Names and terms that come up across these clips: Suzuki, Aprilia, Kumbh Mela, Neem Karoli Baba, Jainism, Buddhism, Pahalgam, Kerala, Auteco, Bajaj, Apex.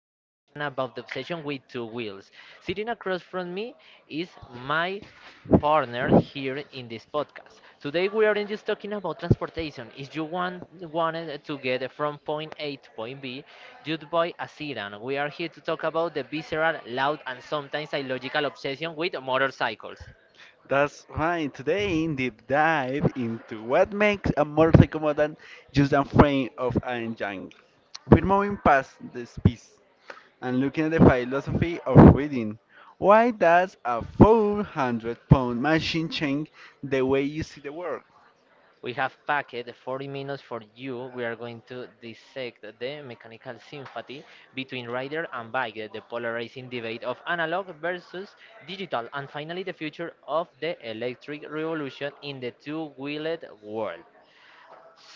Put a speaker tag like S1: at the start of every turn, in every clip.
S1: presentation about the obsession with two wheels. Sitting across from me is my partner here in this podcast. Today we aren't just talking about transportation. If you wanted to get from point A to point B, you'd buy a sedan. We are here to talk about the visceral, loud, and sometimes illogical obsession with motorcycles.
S2: That's fine. Today, in deep dive into what makes a motorcycle more than just a frame of an engine. We're moving past this piece and looking at the philosophy of reading. Why does a 400 pound machine change the way you see the world?
S1: We have packed 40 minutes for you. We are going to dissect the mechanical sympathy between rider and bike, the polarizing debate of analog versus digital, and finally the future of the electric revolution in the two-wheeled world.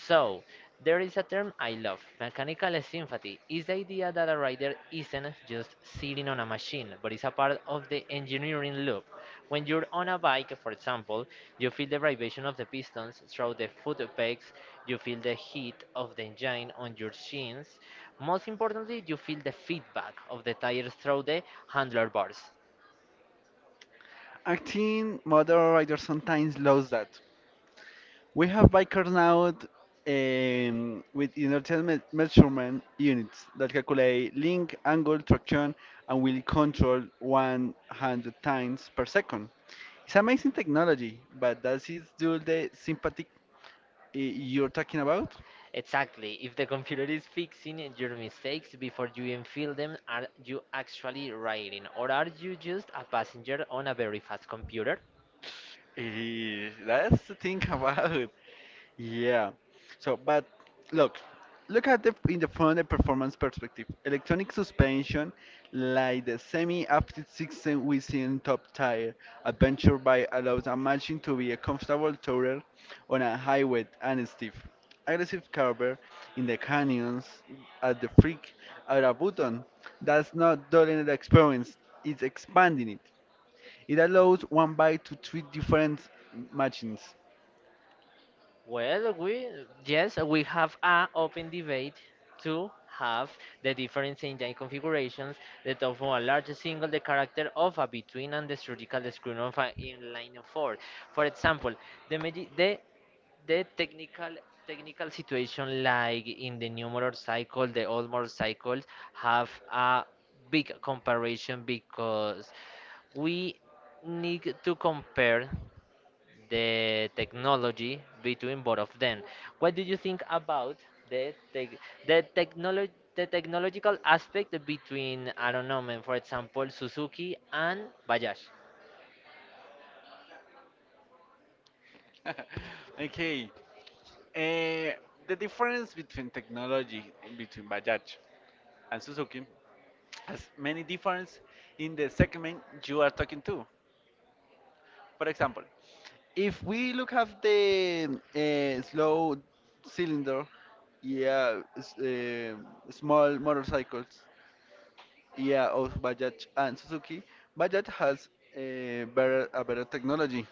S1: So, there is a term I love, mechanical sympathy. Is the idea that a rider isn't just sitting on a machine, but is a part of the engineering loop. When you're on a bike, for example, you feel the vibration of the pistons through the foot pegs, you feel the heat of the engine on your shins. Most importantly, you feel the feedback of the tires through the handlebars.
S2: Acting motor writers sometimes lose that. We have bikers now with inertial measurement units that calculate link, angle, traction, and wheel control 100 times per second. It's amazing technology, but does it do the sympathetic you're talking about?
S1: Exactly. If the computer is fixing your mistakes before you even feel them, are you actually writing? Or are you just a passenger on a very fast computer?
S2: That's the thing about. Yeah. So, but look, look at the front, the performance perspective. Electronic suspension, like the semi-active system within top tire adventure bike, allows a machine to be a comfortable tourer on a highway and steep, aggressive curve in the canyons at the freak at a button. That's not during the experience; it's expanding it. It allows one bike to treat different machines
S1: Well, we yes, we have a open debate to have the different engine configurations, the top of a large single, the character of a between and the surgical screen of an inline four. For example, the medi- the technical situation like in the new motorcycle, the old motorcycles have a big comparison because we need to compare the technology between both of them. What do you think about the tech the technological aspect between I don't know, man, for example, Suzuki and Bajaj?
S2: okay. Eh, the difference between technology and between Bajaj and Suzuki has many difference in the segment you are talking to. For example, if we look at the slow cylinder, yeah, small motorcycles, yeah, of Bajaj and Suzuki, Bajaj has a better technology.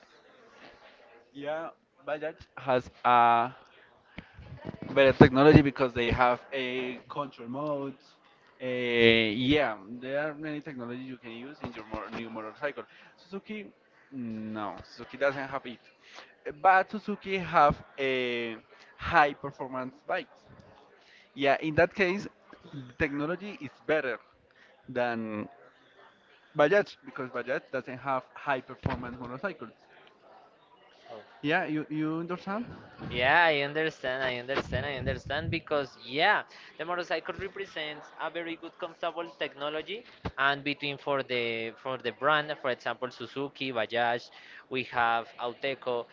S2: Yeah, Bajaj has a better technology because they have a control mode. Uh, yeah, there are many technologies you can use in your mor new motorcycle. Suzuki, no, Suzuki doesn't have it. But Suzuki have a high performance bikes. Yeah, in that case, technology is better than Bajaj because Bajaj doesn't have high performance motorcycles. Yeah, you understand?
S1: Yeah, I understand. I understand. I understand because yeah, the motorcycle represents a very good comfortable technology and between for the brand, for example, Suzuki, Bajaj, we have Auteco.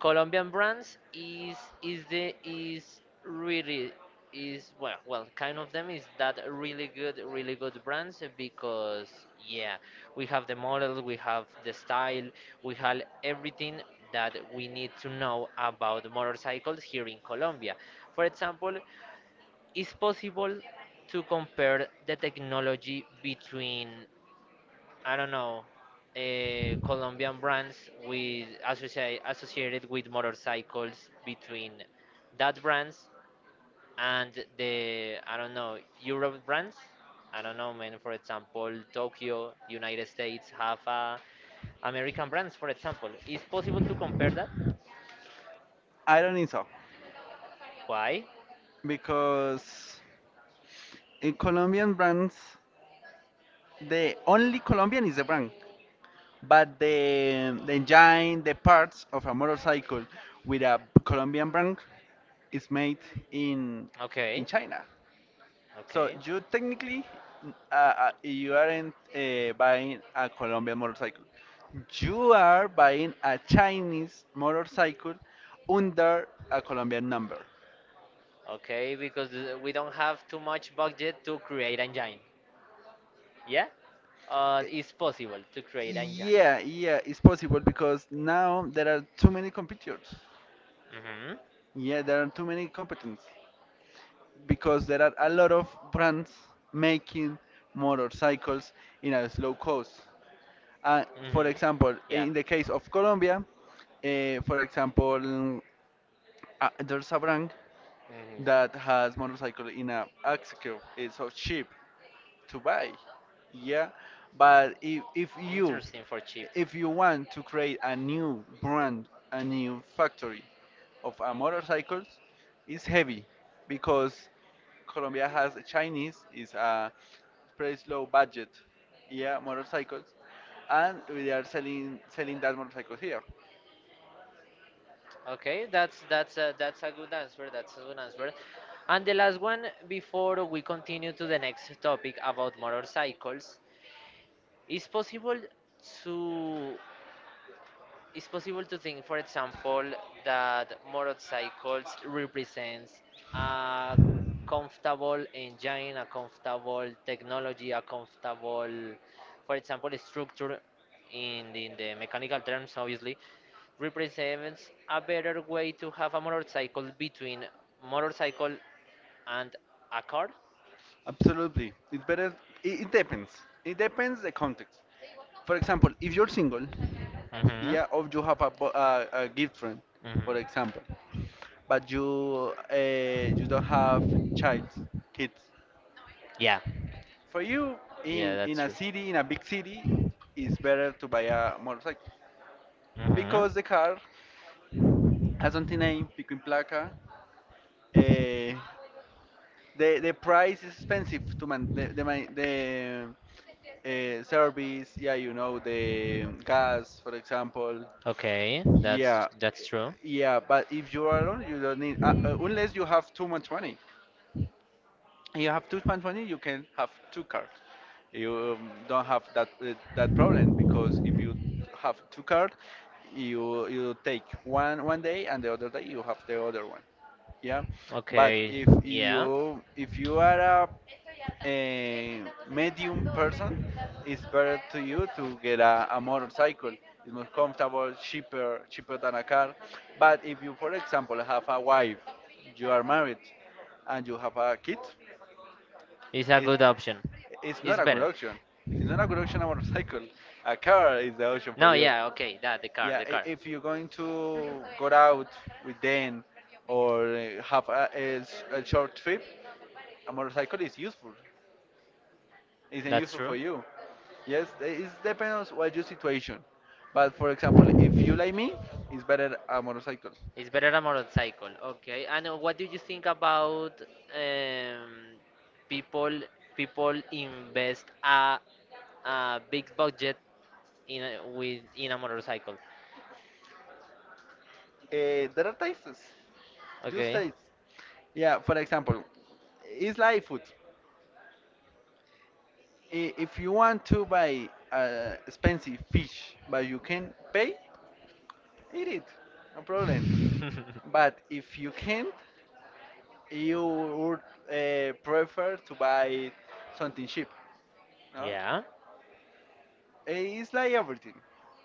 S1: Colombian brands is really is well kind of them is that really good brands because yeah we have the model we have the style we have everything that we need to know about motorcycles here in Colombia, for example. It's possible to compare the technology between I don't know Colombian brands with associated with motorcycles between that brands and the I don't know Europe brands. I don't know, man. For example, Tokyo, United States have American brands. For example, is possible to compare that?
S2: I don't think so
S1: Why?
S2: because in Colombian brands. The only Colombian is the brand, but the engine, the parts of a motorcycle with a Colombian brand is made in
S1: Okay,
S2: China. So
S1: okay,
S2: you technically, you aren't buying a Colombian motorcycle. You are buying a Chinese motorcycle under a Colombian number.
S1: okay. Because we don't have too much budget to create engine. Yeah, it's possible to create engine.
S2: Yeah, yeah, it's possible because now there are too many competitors.
S1: Mm-hmm.
S2: Yeah, there are too many competence because there are a lot of brands making motorcycles in a slow cost. Uh, for
S1: Mm-hmm.
S2: example,
S1: Yeah.
S2: in the case of Colombia, for example, there's a brand that has motorcycle in a axle curve. It's so
S1: Mm-hmm.
S2: cheap to buy. Yeah, but if if you
S1: For cheap.
S2: if you want to create a new brand, a new factory of a motorcycles, it's heavy because Colombia has a Chinese is a pretty low budget, yeah, motorcycles, and we are selling that motorcycle here.
S1: Okay, that's a good answer. That's a good answer. And the last one before we continue to the next topic about motorcycles, is possible to it's possible to think, for example, that motorcycles represents a comfortable engine, a comfortable technology, a comfortable, for example, structure in the mechanical terms, obviously, represents a better way to have a motorcycle between motorcycle and a car.
S2: Absolutely, it's better. It depends. It depends the context. For example, if you're single, yeah, or
S1: Hmm.
S2: you
S1: uh,
S2: have a gift friend, for
S1: hmm.
S2: example, but you you don't have child, kids.
S1: Yeah,
S2: For you,
S1: yeah,
S2: in
S1: that's
S2: a
S1: true.
S2: city, in a big city, it's better to buy a motorcycle because
S1: Hmm.
S2: the car has something named Pico in Placa. Eh, the price is expensive to man the service. Yeah, you know the gas, for example.
S1: Okay, yeah. That's
S2: Yeah, eh,
S1: true.
S2: yeah. But if you are alone, you don't need unless you have too much money. You have too much money, you can have two cards. You don't have that that problem because if you have two cards, you take one one day and the other day you have the other one. Yeah, but
S1: Okay,
S2: if
S1: yeah,
S2: you if you are a medium person, it's better to you to get a motorcycle. It's more comfortable, cheaper than a car. But if you, for example, have a wife, you are married, and you have a kid.
S1: it's a good option.
S2: It's not
S1: It's
S2: a good
S1: better.
S2: option. It's not a good option, a motorcycle. A car is the option for
S1: No,
S2: you.
S1: yeah, okay, that the car. Yeah,
S2: Yeah,
S1: the car.
S2: if you're going to go out with them or
S1: uh,
S2: have a short trip, a motorcycle is useful. It's
S1: That's
S2: useful for
S1: true.
S2: you. Yes, it
S1: they-
S2: depends on what your situation. But for example, if you like me, it's better a motorcycle.
S1: It's better a motorcycle. Okay. And what do you think about um, people people invest a big budget in a, with in a motorcycle?
S2: There are tastes,
S1: Just
S2: just
S1: okay.
S2: tastes. Yeah, for example, it's like food. If you want to buy expensive fish, but you can pay, eat it, no problem.
S1: Problem.
S2: But if you can't, you would prefer to buy something cheap,
S1: No,
S2: no?
S1: yeah.
S2: It's like everything.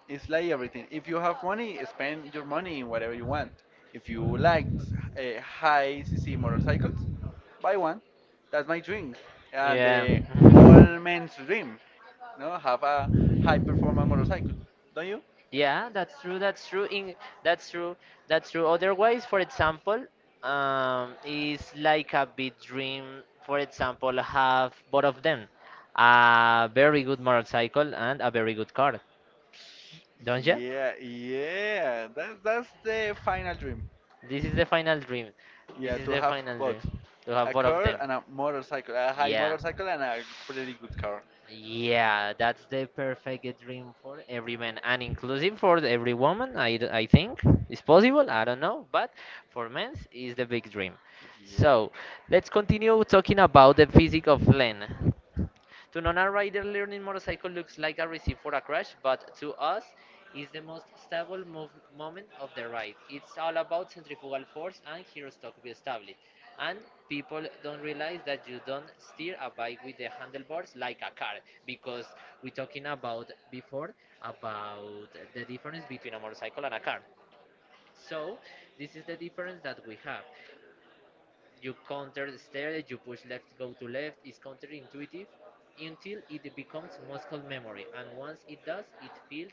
S2: It's like everything. If you have money, spend your money in whatever you want. If you like high CC motorcycles, buy one. That's my dream, and
S1: Yeah.
S2: all
S1: That's.
S2: men's dream. No, have a high performance motorcycle, don't you?
S1: Yeah, that's true. That's true. In that's true. That's true. Otherwise, for example, is like a big dream. For example, have both of them, a very good motorcycle and a very good car. Don't you?
S2: Yeah, yeah. That's the final dream.
S1: This is the final dream. This
S2: Yeah,
S1: is
S2: to
S1: the
S2: have
S1: final dream.
S2: both
S1: To have
S2: a
S1: both of
S2: car
S1: them.
S2: and a motorcycle, a high
S1: Yeah.
S2: motorcycle and a pretty good car.
S1: Yeah, that's the perfect dream for every man and inclusive for every woman. I think it's possible. I don't know, but for men is the big dream.
S2: Yeah.
S1: So let's continue talking about the physics of land. To non rider, learning motorcycle looks like a receipt for a crash, but to us, it's the most stable moment of the ride. It's all about centrifugal force and hero stock be stability. And people don't realize that you don't steer a bike with the handlebars like a car, because we talking about before about the difference between a motorcycle and a car. So this is the difference that we have. You counter stare, you push left, go to left. It's counterintuitive until it becomes muscle memory. And once it does, it feels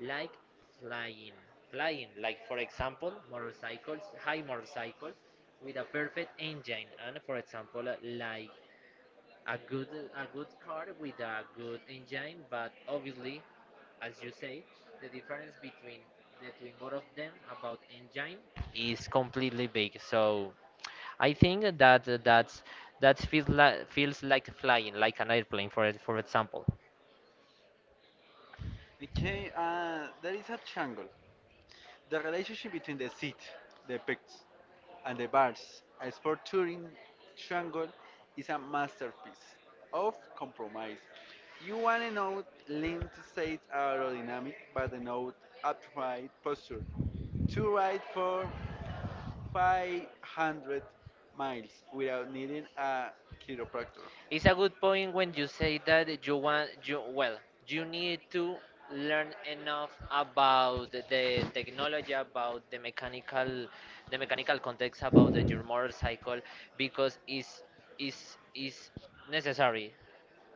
S1: like flying. Flying, like for example, motorcycles, high motorcycles with a perfect engine. And for example, like a good a good car with a good engine, but obviously, as you say, the difference between between both of them about engine is completely big. So I think that that's that feels like flying, like an airplane, for for example.
S2: Okay, there is a triangle. The relationship between the seat, the pegs, and the bars, a sport touring triangle, is a masterpiece of compromise. You want a note linked to state aerodynamic, but the note upright posture. To ride for 500 miles without needing a chiropractor.
S1: It's a good point when you say that you want you well, you need to learn enough about the technology, about the mechanical context about the, your motorcycle because is necessary.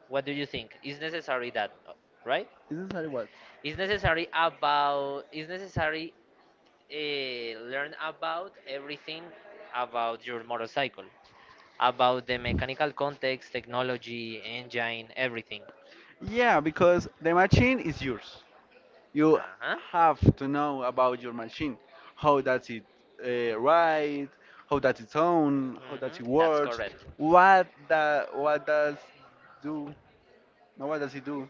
S1: What do you think? Is necessary that, right?
S2: Is not that what?
S1: Is necessary about is necessary learn about everything about your motorcycle about the mechanical context, technology, engine, everything.
S2: Yeah, because the machine is yours. You
S1: Uh-huh.
S2: have to know about your machine, how does it write, how does it sound, how
S1: Mhm.
S2: does it
S1: Mhm. That's
S2: work,
S1: correct.
S2: what the, what does do no, what does it do?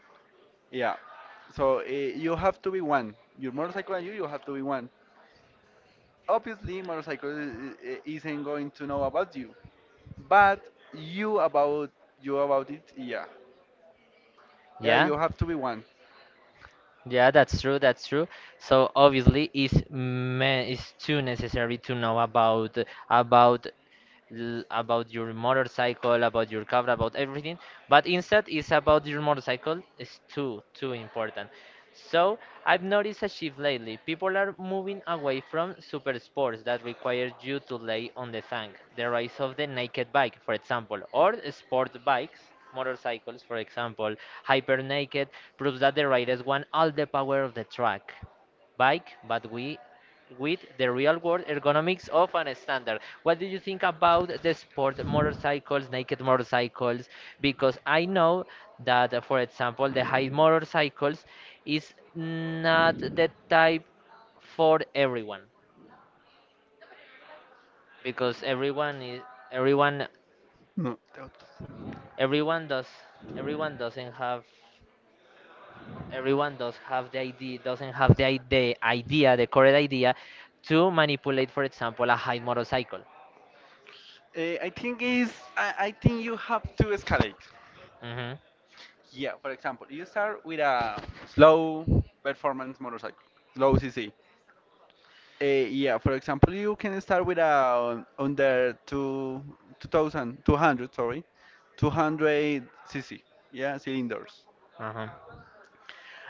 S2: Yeah. So you have to be one your motorcycle and you have to be one. Obviously motorcycle isn't going to know about you, but you about you about it. Yeah, yeah,
S1: Yeah.
S2: you have to be one.
S1: Yeah, that's true, that's true. So obviously it's me it's too necessary to know about about your motorcycle, about your car, about everything. But instead, it's about your motorcycle. It's too, too important. So I've noticed a shift lately. People are moving away from super sports that require you to lay on the tank. The rise of the naked bike, for example, or sport bikes, motorcycles, for example, hyper naked proves that the riders want all the power of the track bike, but we with the real world ergonomics of an standard. What do you think about the sport motorcycles, naked motorcycles? Because I know that, for example, the high motorcycles is not the type for everyone because everyone
S2: No.
S1: everyone does everyone doesn't have everyone does have the idea doesn't have the idea the correct idea to manipulate for example a high motorcycle.
S2: I think is I think you have to escalate.
S1: Hmm.
S2: Yeah, for example, you start with a slow performance motorcycle, slow CC. Yeah, for example, you can start with a under two, 2,200, sorry, 200 CC, yeah, cylinders.
S1: Uh-huh.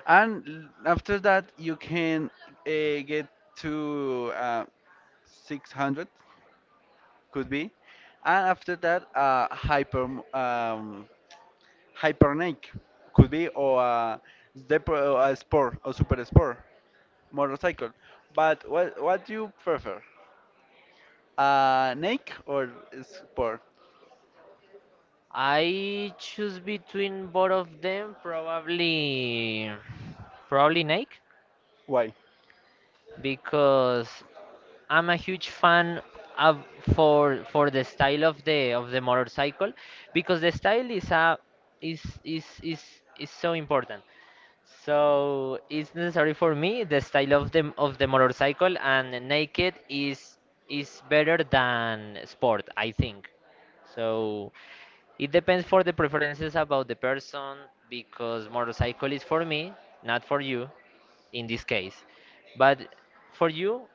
S2: And after that, you can get to 600, could be. And after that, hyper um, Hypernic could be, or or a sport or super sport motorcycle. But what do you prefer? Nike or sport?
S1: I choose between both of them, probably Nike
S2: Why?
S1: because I'm a huge fan of for the style of the motorcycle because the style is a is is so important. So it's necessary for me the style of the motorcycle and naked is better than sport, I think. So it depends for the preferences about the person because motorcycle is for me, not for you in this case. But for you,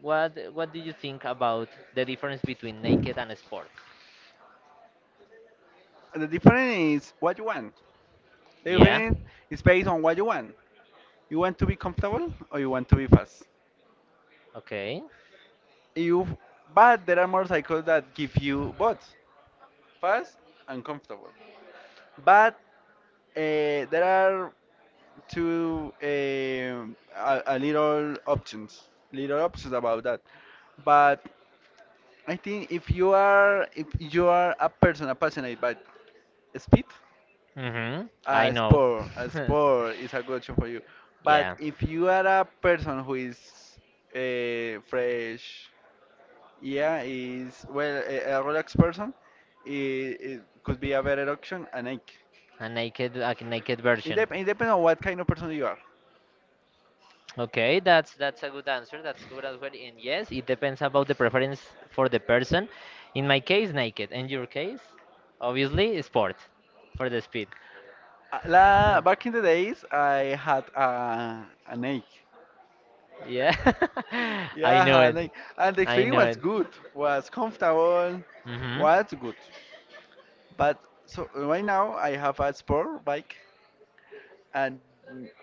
S1: what do you think about the difference between naked and sports?
S2: The difference is what you want. The
S1: Yeah.
S2: difference is based on what you want. You want to be comfortable or you want to be fast.
S1: Okay.
S2: You but there are motorcycles that give you both fast and comfortable. But there are to a little options about that. But I think if you are a person passionate about speed,
S1: Mhm. I
S2: a
S1: know.
S2: sport, a sport is a good option for you. But
S1: Yeah.
S2: if you are a person who is fresh, yeah, is well a relaxed person, it could be a better option, an egg.
S1: A naked
S2: It,
S1: version.
S2: dep- it depends on what kind of person you are.
S1: Okay, that's a good answer. That's good as well. And yes, it depends about the preference for the person. In my case, naked. In your case, obviously, sport for the speed.
S2: Back in the days, I had an ache.
S1: Yeah, I know
S2: Yeah, an ache.
S1: it.
S2: And the
S1: I
S2: experience
S1: know
S2: was
S1: it.
S2: good, was comfortable,
S1: Mm-hmm.
S2: was good. But so right now, I have a sport bike, and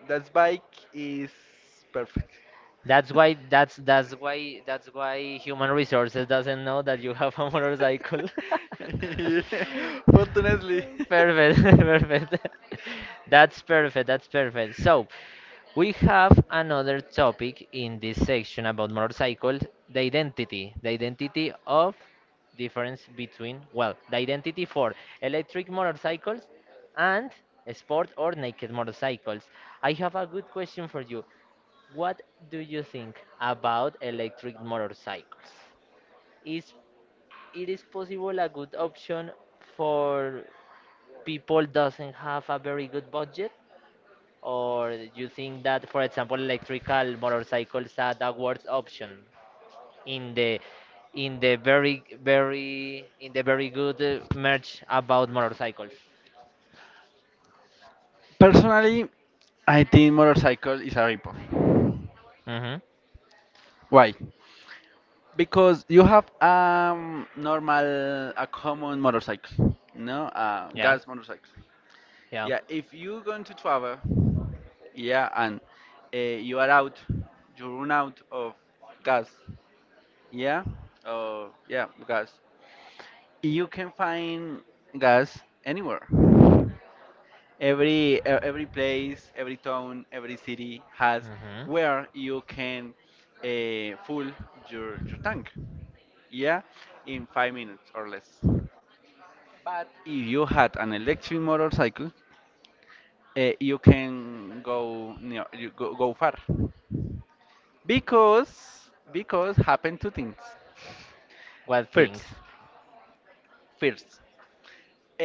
S2: that bike is perfect.
S1: That's why human resources doesn't know that you have a motorcycle.
S2: Fortunately.
S1: Perfect, perfect. That's perfect, that's perfect. So, we have another topic in this section about motorcycles, the identity of difference between, well, the identity for electric motorcycles and sport or naked motorcycles. I have a good question for you. What do you think about electric motorcycles? Is it is possible a good option for people doesn't have a very good budget? Or you think that, for example, electrical motorcycles are the worst option in the very good merch about motorcycles?
S2: Personally, I think motorcycle is a ripoff.
S1: Mm-hmm.
S2: Why? Because you have normal, a common motorcycle, no,
S1: Yeah.
S2: gas motorcycle.
S1: Yeah.
S2: Yeah, if you going to travel, yeah, and you are out, you run out of gas, yeah, oh yeah, gas. You can find gas anywhere. Every every place, every town, every city has
S1: Mhm.
S2: where you can full your tank. Yeah, in 5 minutes or less. But if you had an electric motorcycle, you can go, near you go, go far. Because happen two things.
S1: What things?
S2: First, first,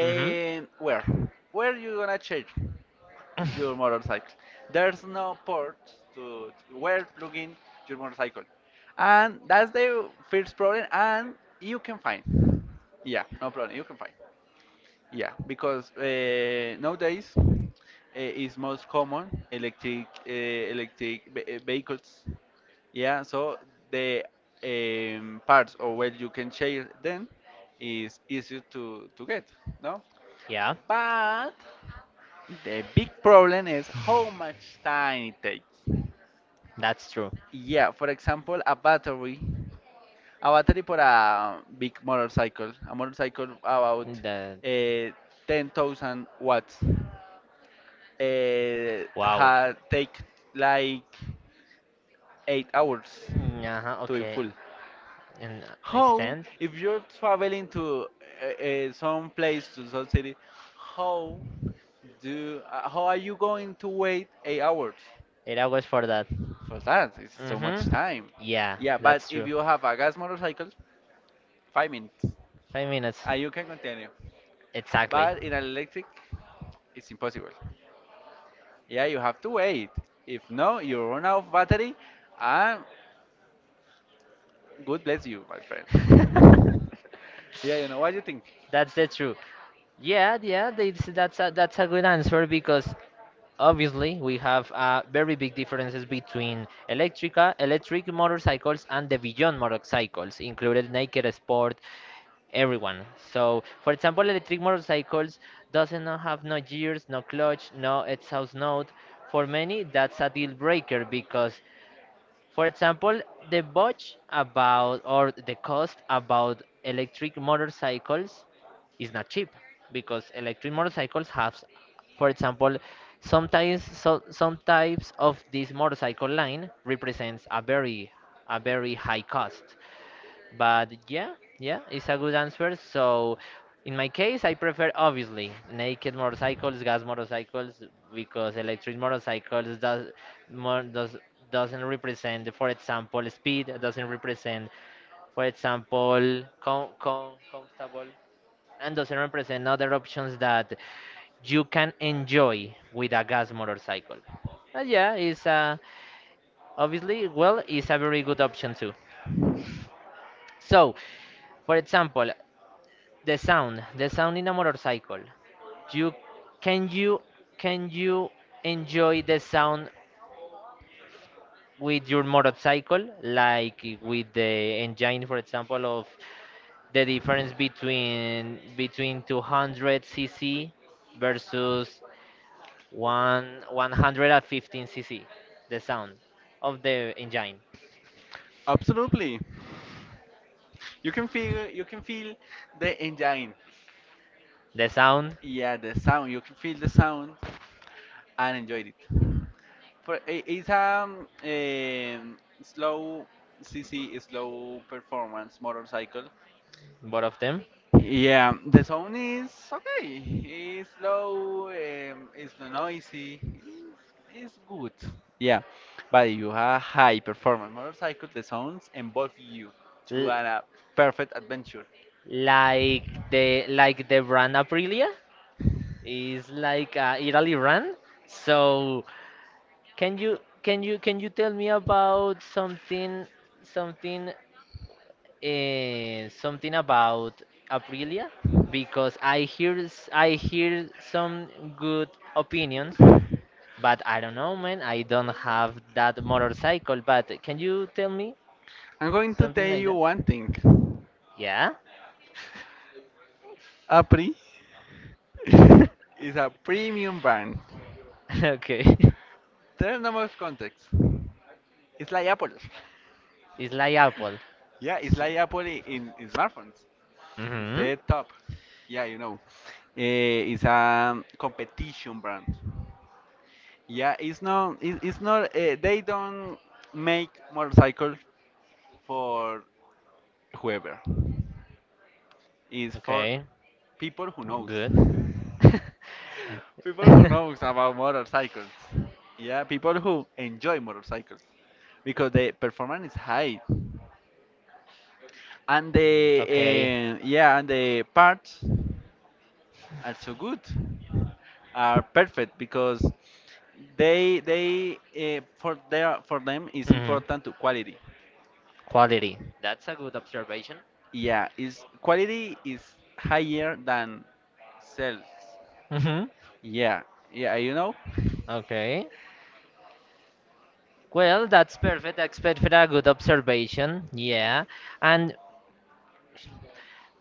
S1: Mhm.
S2: where? Where you gonna charge
S1: Charge.
S2: your motorcycle? There's no port to where plug in your motorcycle, and that's the first problem. And you can find, yeah, no problem. You can find. Yeah, because nowadays it's most common electric vehicles. Yeah, so the parts or where you can share them is easier to get, no?
S1: Yeah,
S2: But the big problem is how much time it takes.
S1: that's true.
S2: Yeah, for example, a battery for a big motorcycle, a motorcycle about uh, 10,000 watts. Had take like 8 hours
S1: Mm, uh-huh,
S2: to be
S1: okay.
S2: full.
S1: And
S2: How, if you're traveling to some place to some city, how how are you going to wait 8 hours
S1: 8 hours for that.
S2: for that? It's so much
S1: Mm-hmm.
S2: time.
S1: Yeah,
S2: Yeah, but
S1: that's true.
S2: if you have a gas motorcycle, 5 minutes,
S1: 5 minutes.
S2: and you can continue.
S1: Exactly.
S2: But in an electric, it's impossible. Yeah, you have to wait. If no, you run out of battery, and God bless you, my friend. Yeah, you know what do you think?
S1: That's the truth. Yeah, yeah, that's a good answer because obviously we have very big differences between electric motorcycles and the beyond motorcycles, included naked sport, everyone. So, for example, electric motorcycles doesn't not have no gears, no clutch, no exhaust note. For many, that's a deal breaker because, for example, the budget about or the cost about electric motorcycles is not cheap because electric motorcycles have, for example, sometimes some types of this motorcycle line represents a very high cost. But yeah, yeah, it's a good answer. So in my case, I prefer obviously naked motorcycles, gas motorcycles, because electric motorcycles does more does doesn't represent, for example, speed, doesn't represent, for example, comfortable, and doesn't represent other options that you can enjoy with a gas motorcycle. But yeah, it's obviously well, it's a very good option too. So, for example, the sound, the sound in a motorcycle. You can you enjoy the sound with your motorcycle, like with the engine, for example, of the difference between between 200 cc versus one 115 cc. The sound of the engine,
S2: Absolutely. You can feel the engine.
S1: the sound,
S2: Yeah, the sound. You can feel the sound and enjoy it. For it's slow CC slow performance motorcycle.
S1: both of them.
S2: Yeah, the sound is okay. It's slow. It's not noisy. It's good. Yeah, but you have high performance motorcycle. The sounds involve you to
S1: L-
S2: a perfect adventure.
S1: like the brand Aprilia. It's like Italy run. So can you tell me about something something about Aprilia? Because I hear I hear some good opinions, but I don't know, man. I don't have that motorcycle. But can you tell me
S2: I'm going to
S1: something
S2: tell
S1: like
S2: you
S1: that?
S2: one thing.
S1: Yeah.
S2: Apri is a premium brand.
S1: Okay.
S2: There's no more context. It's like Apple.
S1: It's like Apple.
S2: Yeah, it's like Apple in smartphones. It's
S1: Mm-hmm.
S2: the top. Yeah, you know. It's a competition brand. Yeah, it's not. It's not. They don't make motorcycles for whoever. It's for
S1: Okay.
S2: people who knows.
S1: Good.
S2: People who knows about motorcycles. Yeah, people who enjoy motorcycles because the performance is high and the
S1: Okay.
S2: eh, yeah and the parts are so good, are perfect because they for their for them is
S1: Mhm.
S2: important to
S1: Quality.
S2: quality.
S1: That's a good observation.
S2: Yeah, is quality is higher than sales.
S1: Mm-hmm.
S2: Yeah, yeah, you know.
S1: Okay. Well, that's perfect. That's perfect. A good observation. Yeah. And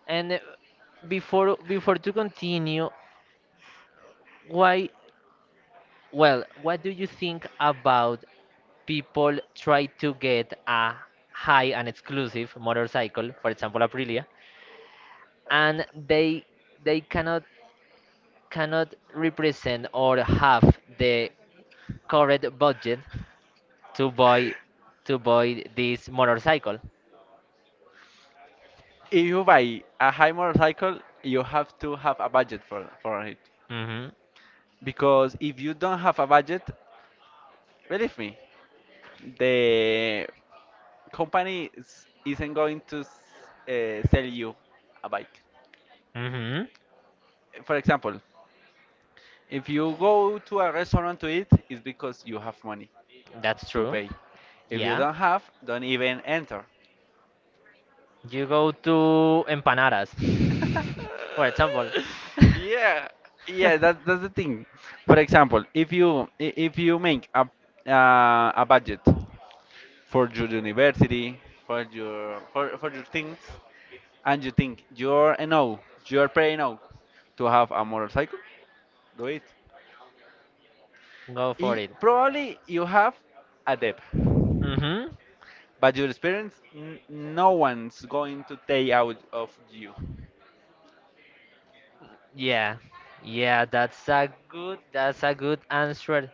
S1: and before before to continue, why? Well, what do you think about people try to get a high and exclusive motorcycle, for example, Aprilia, and they cannot cannot represent or have the correct budget to buy to buy this motorcycle.
S2: If you buy a high motorcycle, you have to have a budget for it.
S1: Mhm.
S2: Because if you don't have a budget, believe me, the company isn't going to sell you a bike.
S1: Mhm.
S2: For example, if you go to a restaurant to eat, it's because you have money
S1: That's
S2: to
S1: true.
S2: pay. If you
S1: Yeah.
S2: don't have, don't even enter.
S1: You go to empanadas. For example.
S2: Yeah, yeah. That's the thing. For example, if you make a budget for your university, for your things, and you think you're paying out to have a motorcycle, do it.
S1: Go for it.
S2: Probably you have a debt,
S1: Mhm.
S2: but your experience, no one's going to take out of you.
S1: Yeah. Yeah, that's a good answer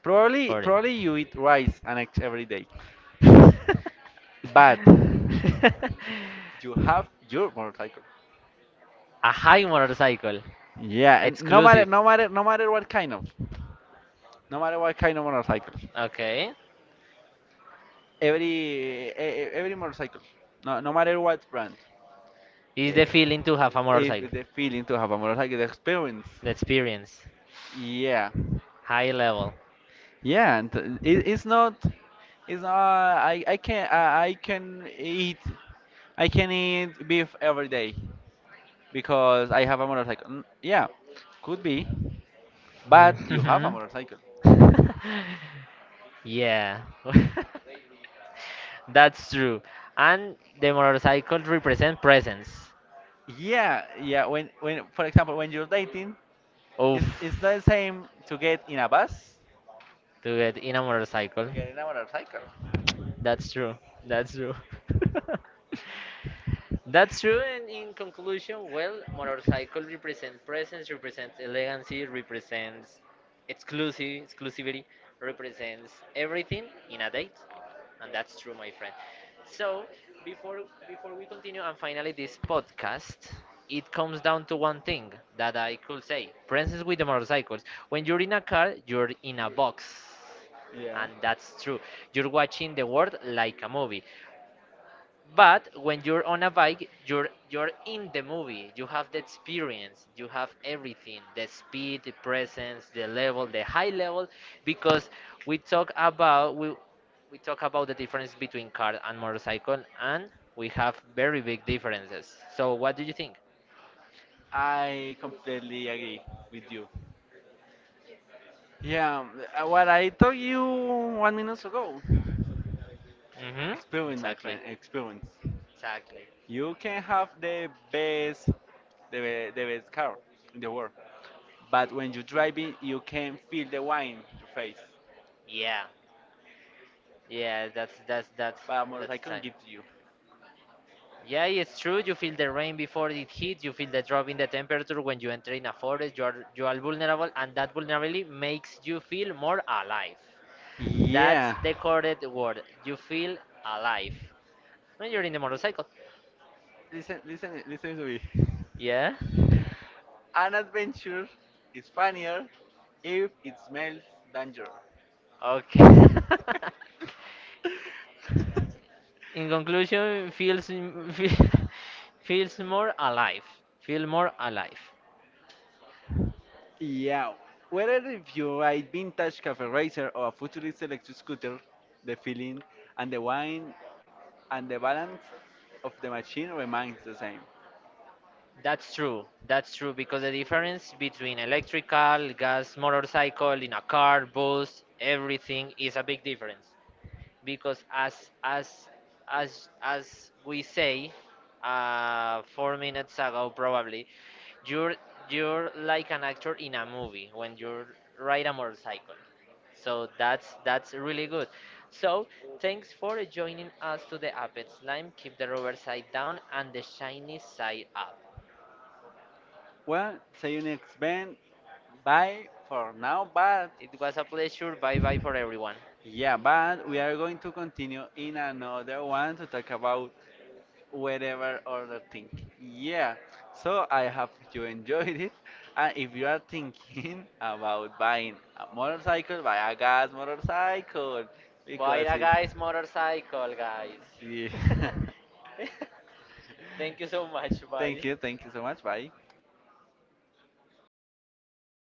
S2: Probably,
S1: for it.
S2: probably you eat rice and eggs every day. But you have your motorcycle.
S1: A high motorcycle.
S2: Yeah, and no matter
S1: Exclusive.
S2: no matter no matter what kind of, no matter what kind of motorcycle,
S1: Okay.
S2: every every motorcycle, no matter what brand,
S1: Is the feeling to have a
S2: eh, if
S1: motorcycle?
S2: the feeling to have a motorcycle, the experience.
S1: The experience.
S2: Yeah,
S1: High level.
S2: yeah, and it's not. I can eat beef every day because I have a motorcycle. Yeah, could be. But you have a
S1: Mhm.
S2: motorcycle.
S1: Yeah. That's true. And the motorcycle represent presence.
S2: Yeah, yeah. When, for example, when you're dating,
S1: Oof.
S2: it's not the same to get in a bus
S1: To get in a motorcycle.
S2: to get in a motorcycle.
S1: That's true. That's true. That's true. And in conclusion, well, motorcycle represents presence, represents elegancy, represents exclusive exclusivity, represents everything in a date, and that's true, my friend. So before before we continue and finally this podcast, it comes down to one thing that I could say: presence with the motorcycles. When you're in a car, you're in a box
S2: Yeah.
S1: and that's true. You're watching the world like a movie. But when you're on a bike, you're in the movie. You have the experience. You have everything: the speed, the presence, the level, the high level. Because we talk about we we talk about the difference between car and motorcycle, and we have very big differences. So what do you think?
S2: I completely agree with you. Yeah, what I told you 1 minute ago.
S1: Mm-hmm.
S2: Experience, my
S1: Exactly.
S2: friend. Experience.
S1: Exactly.
S2: You can have the best car in the world. But when you're driving, you can feel the wine in your face.
S1: Yeah. Yeah. That's that's that's
S2: But a
S1: that's the
S2: motorcycle
S1: time.
S2: gives you.
S1: Yeah, it's true. You feel the rain before it hits. You feel the drop in the temperature when you enter in a forest. You are vulnerable, and that vulnerability makes you feel more alive. That's
S2: Yeah.
S1: the correct word. You feel alive when you're in the motorcycle.
S2: Listen, listen, listen to me.
S1: Yeah.
S2: An adventure is funnier if it smells danger.
S1: Okay. In conclusion, feels feels more alive. Feel more alive.
S2: Yeah. Whether if you ride vintage cafe racer or a futuristic electric scooter, the feeling and the wine and the balance of the machine remains the same.
S1: That's true. That's true because the difference between electrical, gas, motorcycle, in a car, bus, everything is a big difference. Because as as we say, 4 minutes ago probably, you're you're like an actor in a movie when you ride a motorcycle. So that's really good. So thanks for joining us to the Apex Lime. Keep the rubber side down and the shiny side up.
S2: Well, see you next Ben. Bye for now, but
S1: It was a pleasure. Bye bye for everyone.
S2: yeah, but we are going to continue in another one to talk about whatever other thing. Yeah. So I hope you enjoyed it. And if you are thinking about buying a motorcycle, buy a gas motorcycle
S1: Bye,
S2: because
S1: a guy's
S2: it's
S1: motorcycle, guys.
S2: yeah.
S1: Thank you so much. Bye.
S2: Thank you so much. Bye.